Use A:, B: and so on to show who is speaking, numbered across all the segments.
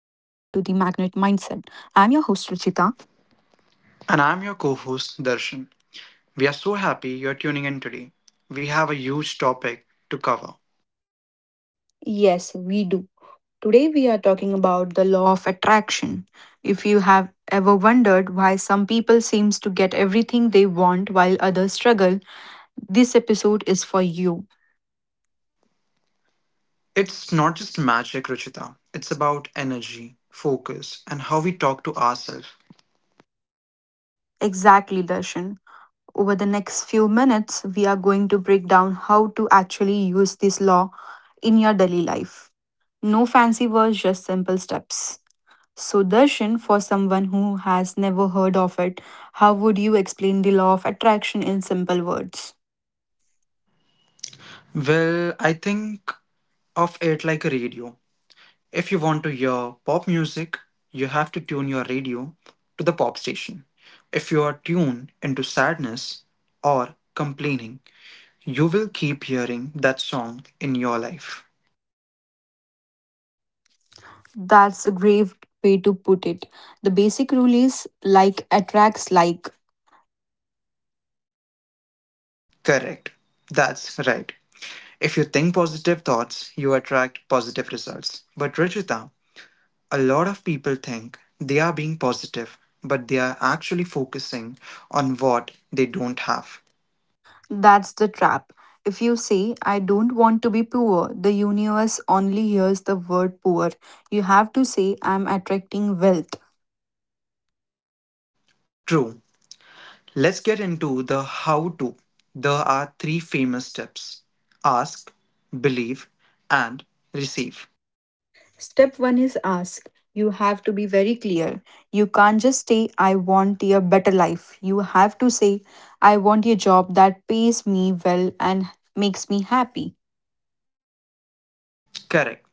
A: your host, Ruchita.
B: And I'm your co host, Darshan. We are so happy you're tuning in today. We have a huge topic to cover.
A: Yes, we do. Today, we are talking about the law of attraction. If you have ever wondered why some people seems to get everything they want while others struggle, this episode is for you.
B: It's not just magic, Ruchita, it's about energy, focus, and how we talk to ourselves.
A: Exactly, Darshan. Over the next few minutes, we are going to break down how to actually use this law in your daily life. No fancy words, just simple steps. So, Darshan, for someone who has never heard of it, how would you explain the law of attraction in simple words?
B: Well, I think of it like a radio. If you want to hear pop music, you have to tune your radio to the pop station. If you are tuned into sadness or complaining, you will keep hearing that song in your life.
A: That's a grave way to put it. The basic rule is like attracts like.
B: Correct. That's right. If you think positive thoughts, you attract positive results. But Ruchita, a lot of people think they are being positive, but they are actually focusing on what they don't have.
A: That's the trap. If you say, I don't want to be poor, the universe only hears the word poor. You have to say, I'm attracting wealth.
B: True. Let's get into the how to. There are three famous steps: ask, believe, and receive.
A: Step one is ask. You have to be very clear. You can't just say, I want a better life. You have to say, I want a job that pays me well and makes me happy.
B: Correct.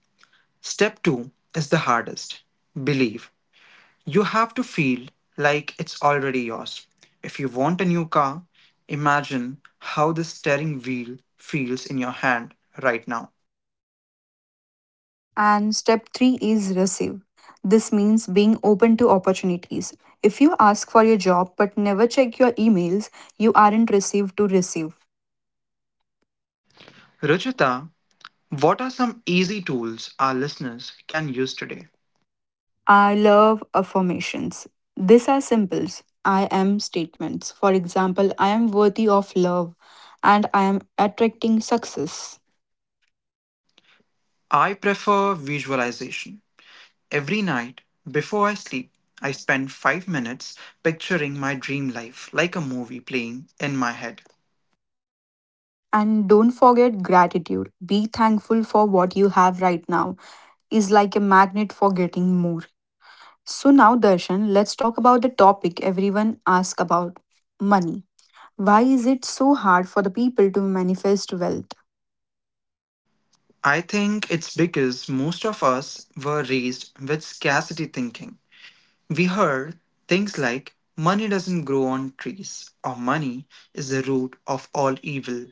B: Step two is the hardest: believe. You have to feel like it's already yours. If you want a new car, imagine how the steering wheel feels in your hand right now.
A: And step three is receive. This means being open to opportunities. If you ask for your job but never check your emails, you aren't received to receive.
B: Ruchita, what are some easy tools our listeners can use today?
A: I love affirmations. These are simples I am statements. For example, I am worthy of love and I am attracting success.
B: I prefer visualization. Every night before I sleep, I spend 5 minutes picturing my dream life like a movie playing in my head.
A: And don't forget gratitude. Be thankful for what you have right now is like a magnet for getting more. So now Darshan, let's talk about the topic everyone asks about money. Why is it so hard for the people to manifest wealth?
B: I think it's because most of us were raised with scarcity thinking. We heard things like money doesn't grow on trees or money is the root of all evil.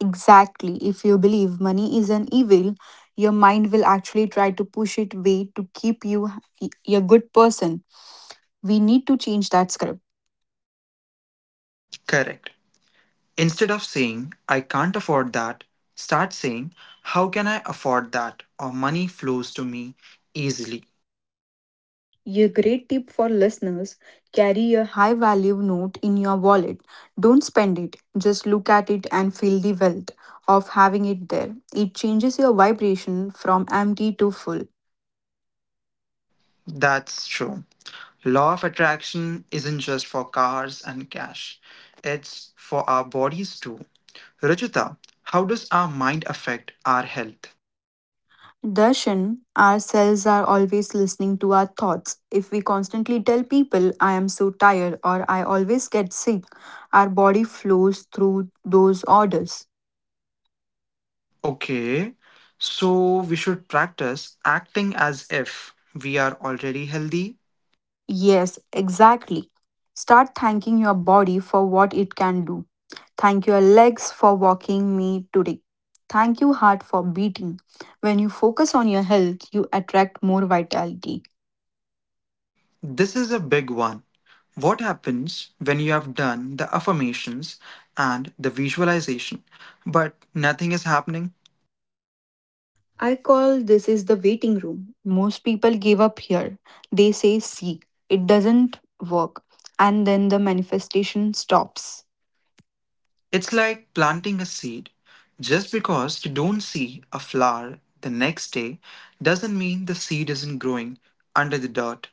A: Exactly. If you believe money is an evil, your mind will actually try to push it away to keep you h- a good person. We need to change that script.
B: Correct. Instead of saying I can't afford that, start saying how can I afford that or money flows to me easily.
A: A great tip for listeners carry a high value note in your wallet. Don't spend it, just look at it and feel the wealth of having it there. It changes your vibration from empty to full.
B: That's true. Law of attraction isn't just for cars and cash. It's for our bodies too. Rajita, how does our mind affect our health?
A: Darshan, ourselves are always listening to our thoughts. If we constantly tell people, I am so tired or I always get sick, our body flows through those orders.
B: Okay, so we should practice acting as if we are already healthy.
A: Yes, exactly. Start thanking your body for what it can do. Thank your legs for walking me today. Thank you, heart, for beating. When you focus on your health, you attract more vitality.
B: This is a big one. What happens when you have done the affirmations and the visualization, but nothing is happening?
A: I call this is the waiting room. Most people give up here. They say see, it doesn't work and then the manifestation stops.
B: It's like planting a seed. Just because you don't see a flower the next day doesn't mean the seed isn't growing under the dirt.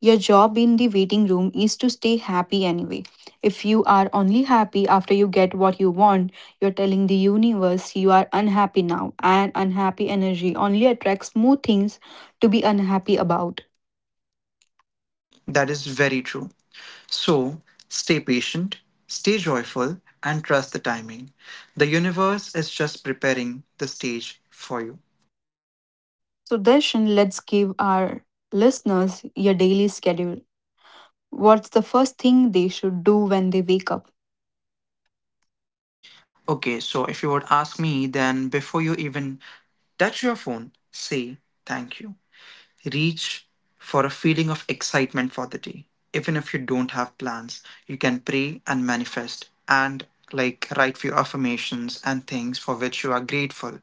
A: Your job in the waiting room is to stay happy anyway. If you are only happy after you get what you want, you're telling the universe you are unhappy now and unhappy energy only attracts more things to be unhappy about.
B: That is very true. So stay patient, stay joyful, and trust the timing. The universe is just preparing the stage for you.
A: So Darshan, let's give our listeners your daily schedule. What's the first thing they should do when they wake up?
B: Okay, so if you would ask me, then before you even touch your phone, say thank you. Reach for a feeling of excitement for the day. Even if you don't have plans, you can pray and manifest and like write few affirmations and things for which you are grateful.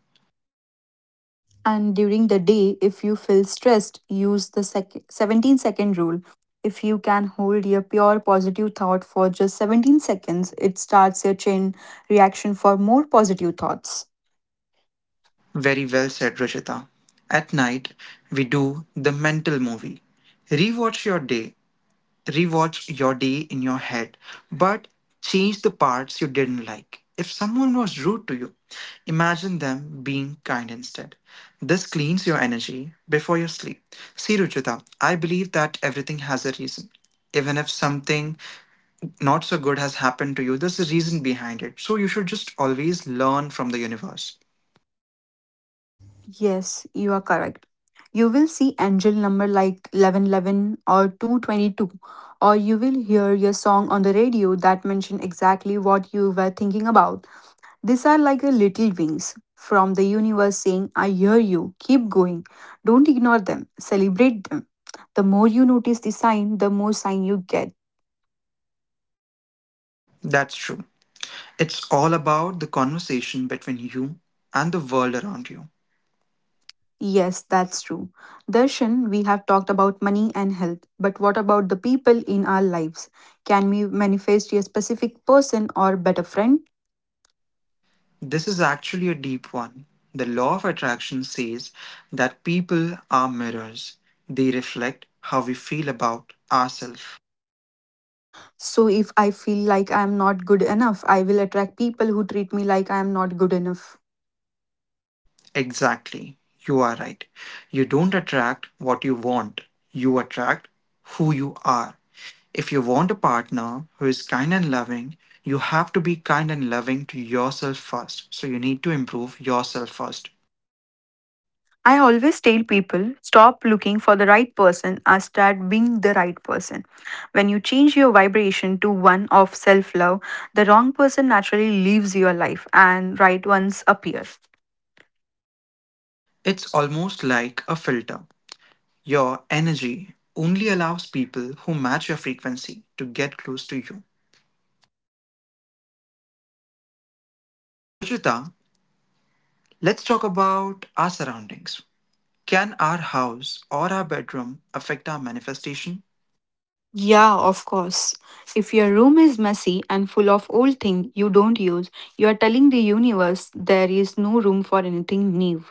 A: And during the day, if you feel stressed, use the 17-second rule. If you can hold your pure positive thought for just 17 seconds, it starts your chain reaction for more positive thoughts.
B: Very well said, Rishita. At night, we do the mental movie. Rewatch your day, Rewatch your day in your head, but change the parts you didn't like. If someone was rude to you, imagine them being kind instead. This cleans your energy before you sleep. See, Ruchita, I believe that everything has a reason. Even if something not so good has happened to you, there's a reason behind it. So you should just always learn from the universe.
A: Yes, you are correct. You will see angel number like 1111 or 222, or you will hear your song on the radio that mention exactly what you were thinking about. These are like the little wings from the universe saying, I hear you, keep going. Don't ignore them, celebrate them. The more you notice the sign, the more sign you get.
B: That's true. It's all about the conversation between you and the world around you.
A: Yes, that's true. Darshan, we have talked about money and health, but what about the people in our lives? Can we manifest a specific person or better friend?
B: This is actually a deep one. The law of attraction says that people are mirrors, they reflect how we feel about ourselves.
A: So, if I feel like I am not good enough, I will attract people who treat me like I am not good enough.
B: Exactly, you are right. You don't attract what you want, you attract who you are. If you want a partner who is kind and loving, you have to be kind and loving to yourself first. So you need to improve yourself first.
A: I always tell people stop looking for the right person and start being the right person. When you change your vibration to one of self love, the wrong person naturally leaves your life and right ones appear.
B: It's almost like a filter. Your energy only allows people who match your frequency to get close to you. Ruchita, let's talk about our surroundings. Can our house or our bedroom affect our manifestation?
A: Yeah, of course. If your room is messy and full of old things you don't use, you are telling the universe there is no room for anything new.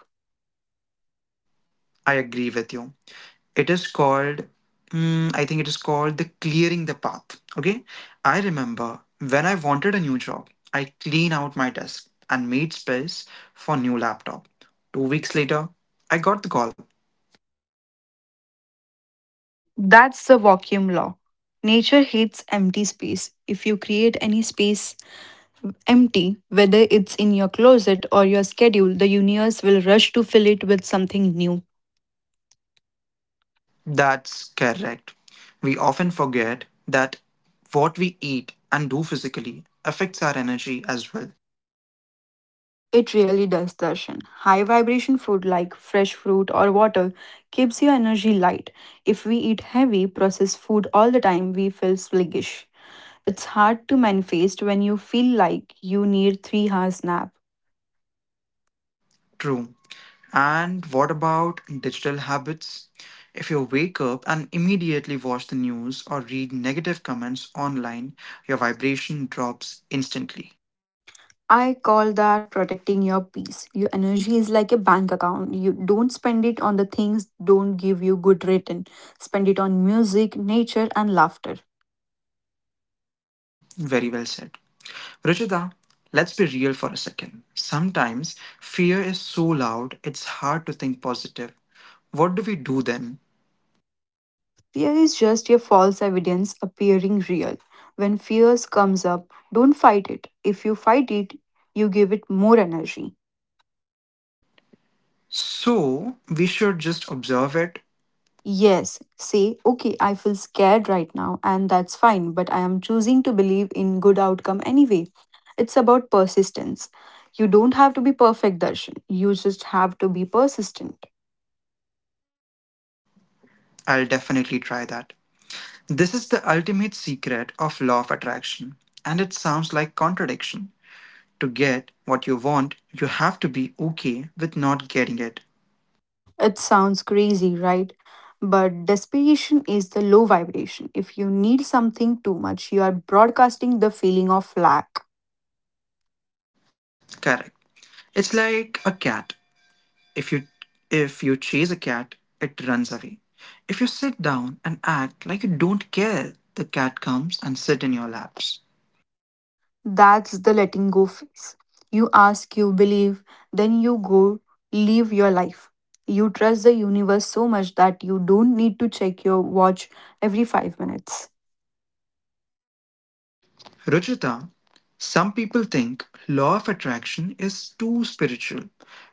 B: I agree with you. It is called, I think it is called the clearing the path. Okay. I remember when I wanted a new job, I cleaned out my desk and made space for new laptop. 2 weeks later, I got the call.
A: That's the vacuum law. Nature hates empty space. If you create any space empty, whether it's in your closet or your schedule, the universe will rush to fill it with something new.
B: That's correct. We often forget that what we eat and do physically affects our energy as well.
A: It really does, Darshan. High vibration food like fresh fruit or water keeps your energy light. If we eat heavy, processed food all the time, we feel sluggish. It's hard to manifest when you feel like you need 3 hours nap.
B: True. And what about digital habits? If you wake up and immediately watch the news or read negative comments online, your vibration drops instantly.
A: I call that protecting your peace. Your energy is like a bank account. You don't spend it on the things don't give you good return. Spend it on music, nature and laughter.
B: Very well said. Ruchita, let's be real for a second. Sometimes fear is so loud it's hard to think positive. What do we do then?
A: Fear is just a false evidence appearing real. When fears comes up, don't fight it. If you fight it, you give it more energy.
B: So we should just observe it.
A: Yes, say, okay, I feel scared right now, and that's fine, but I am choosing to believe in good outcome anyway. It's about persistence. You don't have to be perfect, Darshan. You just have to be persistent.
B: I'll definitely try that. This is the ultimate secret of law of attraction, and it sounds like contradiction. To get what you want, you have to be okay with not getting it.
A: It sounds crazy, right? But desperation is the low vibration. If you need something too much, you are broadcasting the feeling of lack.
B: Correct. It's like a cat. If you if you chase a cat, it runs away. If you sit down and act like you don't care, the cat comes and sit in your laps.
A: That's the letting go phase. You ask, you believe, then you go live your life. You trust the universe so much that you don't need to check your watch every 5 minutes.
B: Ruchita, some people think law of attraction is too spiritual,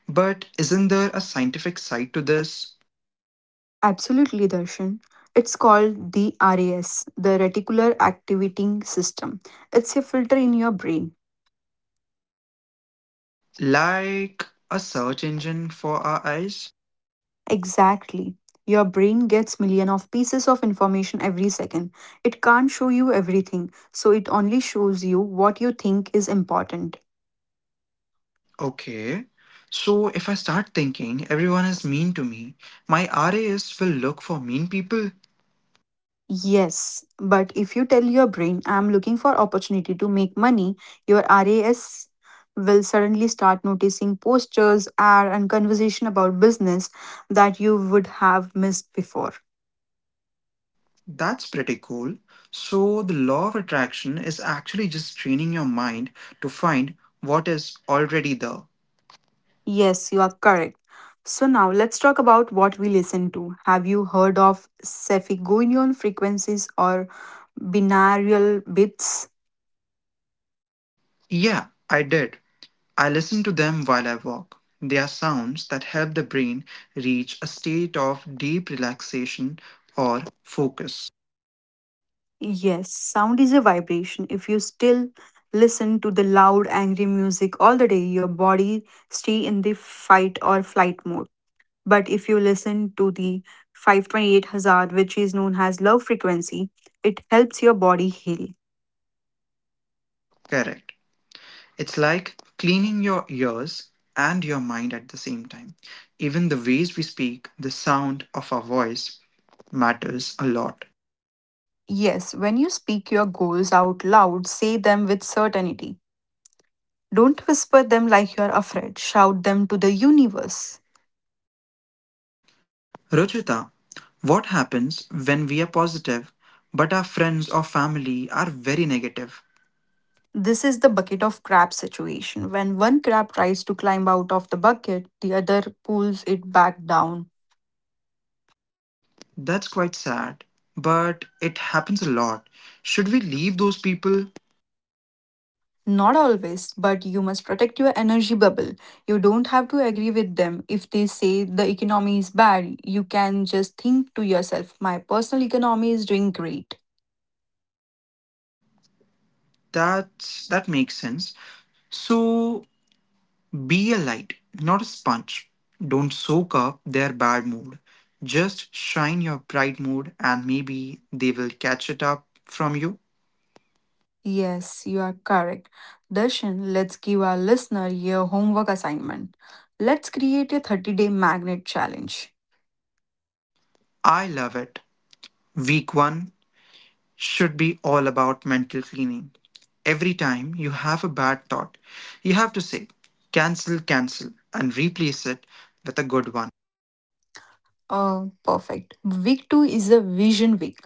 B: but isn't there a scientific side to this?
A: Absolutely, Darshan. It's called the RAS, the reticular activating system. It's a filter in your brain.
B: Like a search engine for our eyes?
A: Exactly. Your brain gets million of pieces of information every second. It can't show you everything, so it only shows you what you think is important.
B: Okay. So if I start thinking everyone is mean to me, my RAS will look for mean people.
A: Yes, but if you tell your brain, I'm looking for opportunity to make money, your RAS will suddenly start noticing posters, ad, and conversation about business that you would have missed before.
B: That's pretty cool. So the law of attraction is actually just training your mind to find what is already there.
A: Yes, you are correct. So now let's talk about what we listen to. Have you heard of Cephagonian frequencies or binaural beats?
B: Yeah, I did. I listen to them while I walk. They are sounds that help the brain reach a state of deep relaxation or focus.
A: Yes, sound is a vibration. If you still listen to the loud, angry music all the day, your body stay in the fight or flight mode. But if you listen to the 528 hazard, which is known as love frequency, it helps your body heal.
B: Correct. It's like cleaning your ears and your mind at the same time. Even the ways we speak, the sound of our voice matters a lot.
A: Yes, when you speak your goals out loud, say them with certainty. Don't whisper them like you're afraid. Shout them to the universe.
B: Ruchita, what happens when we are positive but our friends or family are very negative?
A: This is the bucket of crab situation. When one crab tries to climb out of the bucket, the other pulls it back down.
B: That's quite sad, but it happens a lot. Should we leave those people?
A: Not always, but you must protect your energy bubble. You don't have to agree with them. If they say the economy is bad, you can just think to yourself, my personal economy is doing great.
B: That makes sense. So be a light, not a sponge. Don't soak up their bad mood. Just shine your bright mood and maybe they will catch it up from you.
A: Yes, you are correct. Darshan, let's give our listener your homework assignment. Let's create a 30-day magnet challenge.
B: I love it. Week 1 should be all about mental cleaning. Every time you have a bad thought, you have to say cancel, cancel and replace it with a good one.
A: Oh, perfect. Week 2 is a vision week.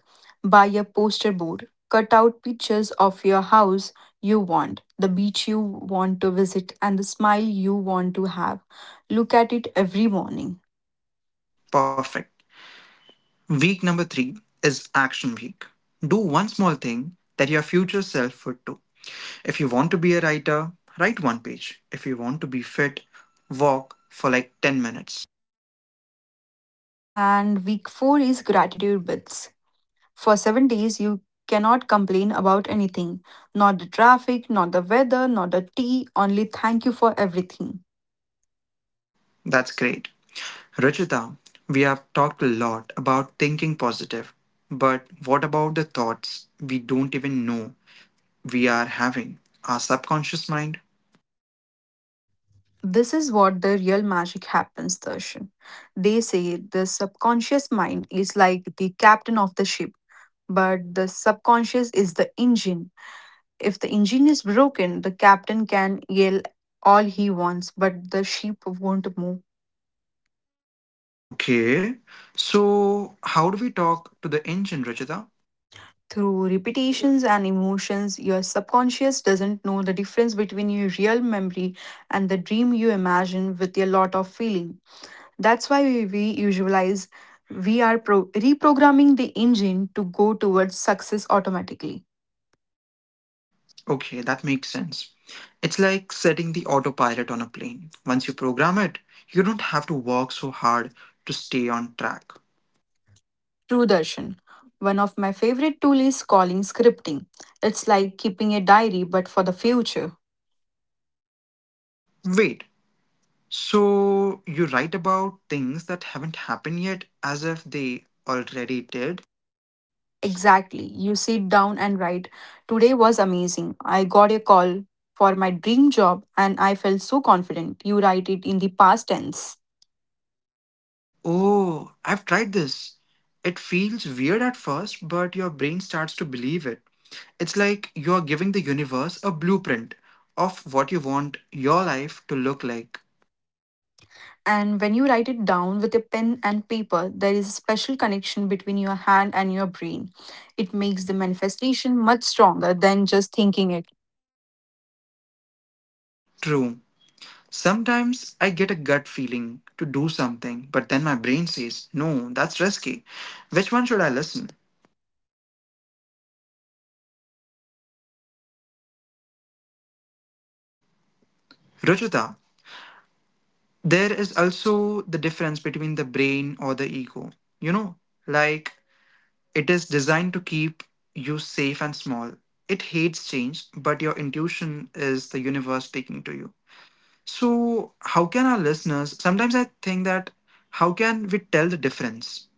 A: Buy a poster board. Cut out pictures of your house you want, the beach you want to visit, and the smile you want to have. Look at it every morning.
B: Perfect. Week number three is action week. Do one small thing that your future self would do. If you want to be a writer, write one page. If you want to be fit, walk for like 10 minutes.
A: And week 4 is gratitude bits. For 7 days, you cannot complain about anything not the traffic, not the weather, not the tea, only thank you for everything.
B: That's great. Ruchita, we have talked a lot about thinking positive, but what about the thoughts we don't even know we are having? Our subconscious mind?
A: This is what the real magic happens, Darshan. They say the subconscious mind is like the captain of the ship, but the subconscious is the engine. If the engine is broken, the captain can yell all he wants, but the ship won't move.
B: Okay, so how do we talk to the engine, Ruchita?
A: Through repetitions and emotions, your subconscious doesn't know the difference between your real memory and the dream you imagine with a lot of feeling. That's why we visualize we are reprogramming the engine to go towards success automatically.
B: Okay, that makes sense. It's like setting the autopilot on a plane. Once you program it, you don't have to work so hard to stay on track.
A: True Darshan. One of my favorite tools is calling scripting. It's like keeping a diary but for the future.
B: Wait, so you write about things that haven't happened yet as if they already did?
A: Exactly. You sit down and write, today was amazing. I got a call for my dream job and I felt so confident. You write it in the past tense.
B: Oh, I've tried this. It feels weird at first, but your brain starts to believe it. It's like you're giving the universe a blueprint of what you want your life to look like.
A: And when you write it down with a pen and paper, there is a special connection between your hand and your brain. It makes the manifestation much stronger than just thinking it.
B: True. Sometimes I get a gut feeling to do something, but then my brain says, no, that's risky. Which one should I listen? Ruchita, there is also the difference between the brain or the ego. You know, like it is designed to keep you safe and small. It hates change, but your intuition is the universe speaking to you. So, how can our listeners sometimes I think that how can we tell the difference?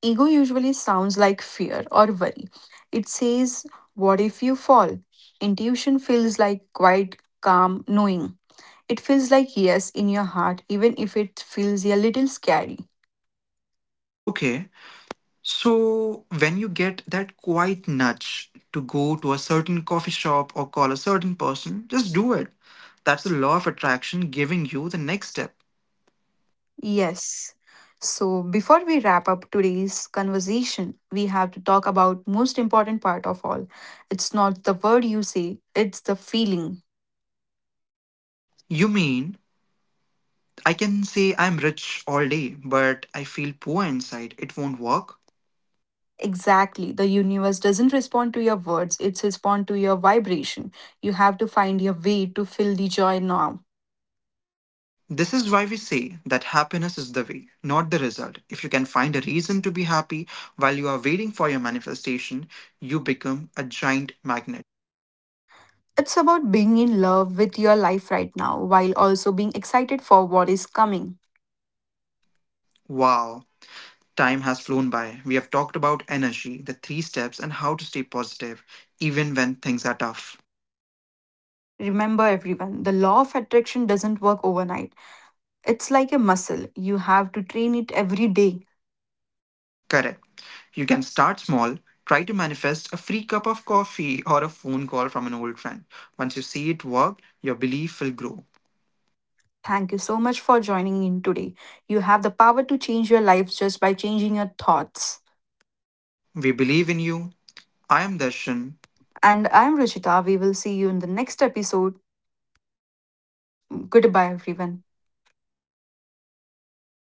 A: Ego usually sounds like fear or worry. It says, what if you fall? Intuition feels like quiet, calm knowing. It feels like yes in your heart, even if it feels a little scary.
B: Okay, so, when you get that quiet nudge to go to a certain coffee shop or call a certain person, just do it. That's the law of attraction giving you the next step.
A: Yes. So before we wrap up today's conversation, we have to talk about most important part of all. It's not the word you say, it's the feeling.
B: You mean, I can say I'm rich all day, but I feel poor inside. It won't work.
A: Exactly. The universe doesn't respond to your words, it's respond to your vibration. You have to find your way to feel the joy now.
B: This is why we say that happiness is the way, not the result. If you can find a reason to be happy while you are waiting for your manifestation, you become a giant magnet.
A: It's about being in love with your life right now while also being excited for what is coming.
B: Wow. Time has flown by. We have talked about energy, the three steps, and how to stay positive even when things are tough.
A: Remember everyone, the law of attraction doesn't work overnight. It's like a muscle. You have to train it every day.
B: Correct. You can start small. Try to manifest a free cup of coffee or a phone call from an old friend. Once you see it work, your belief will grow.
A: Thank you so much for joining in today. You have the power to change your life just by changing your thoughts.
B: We believe in you. I am Darshan.
A: And I'm Ruchita. We will see you in the next episode. Goodbye, everyone.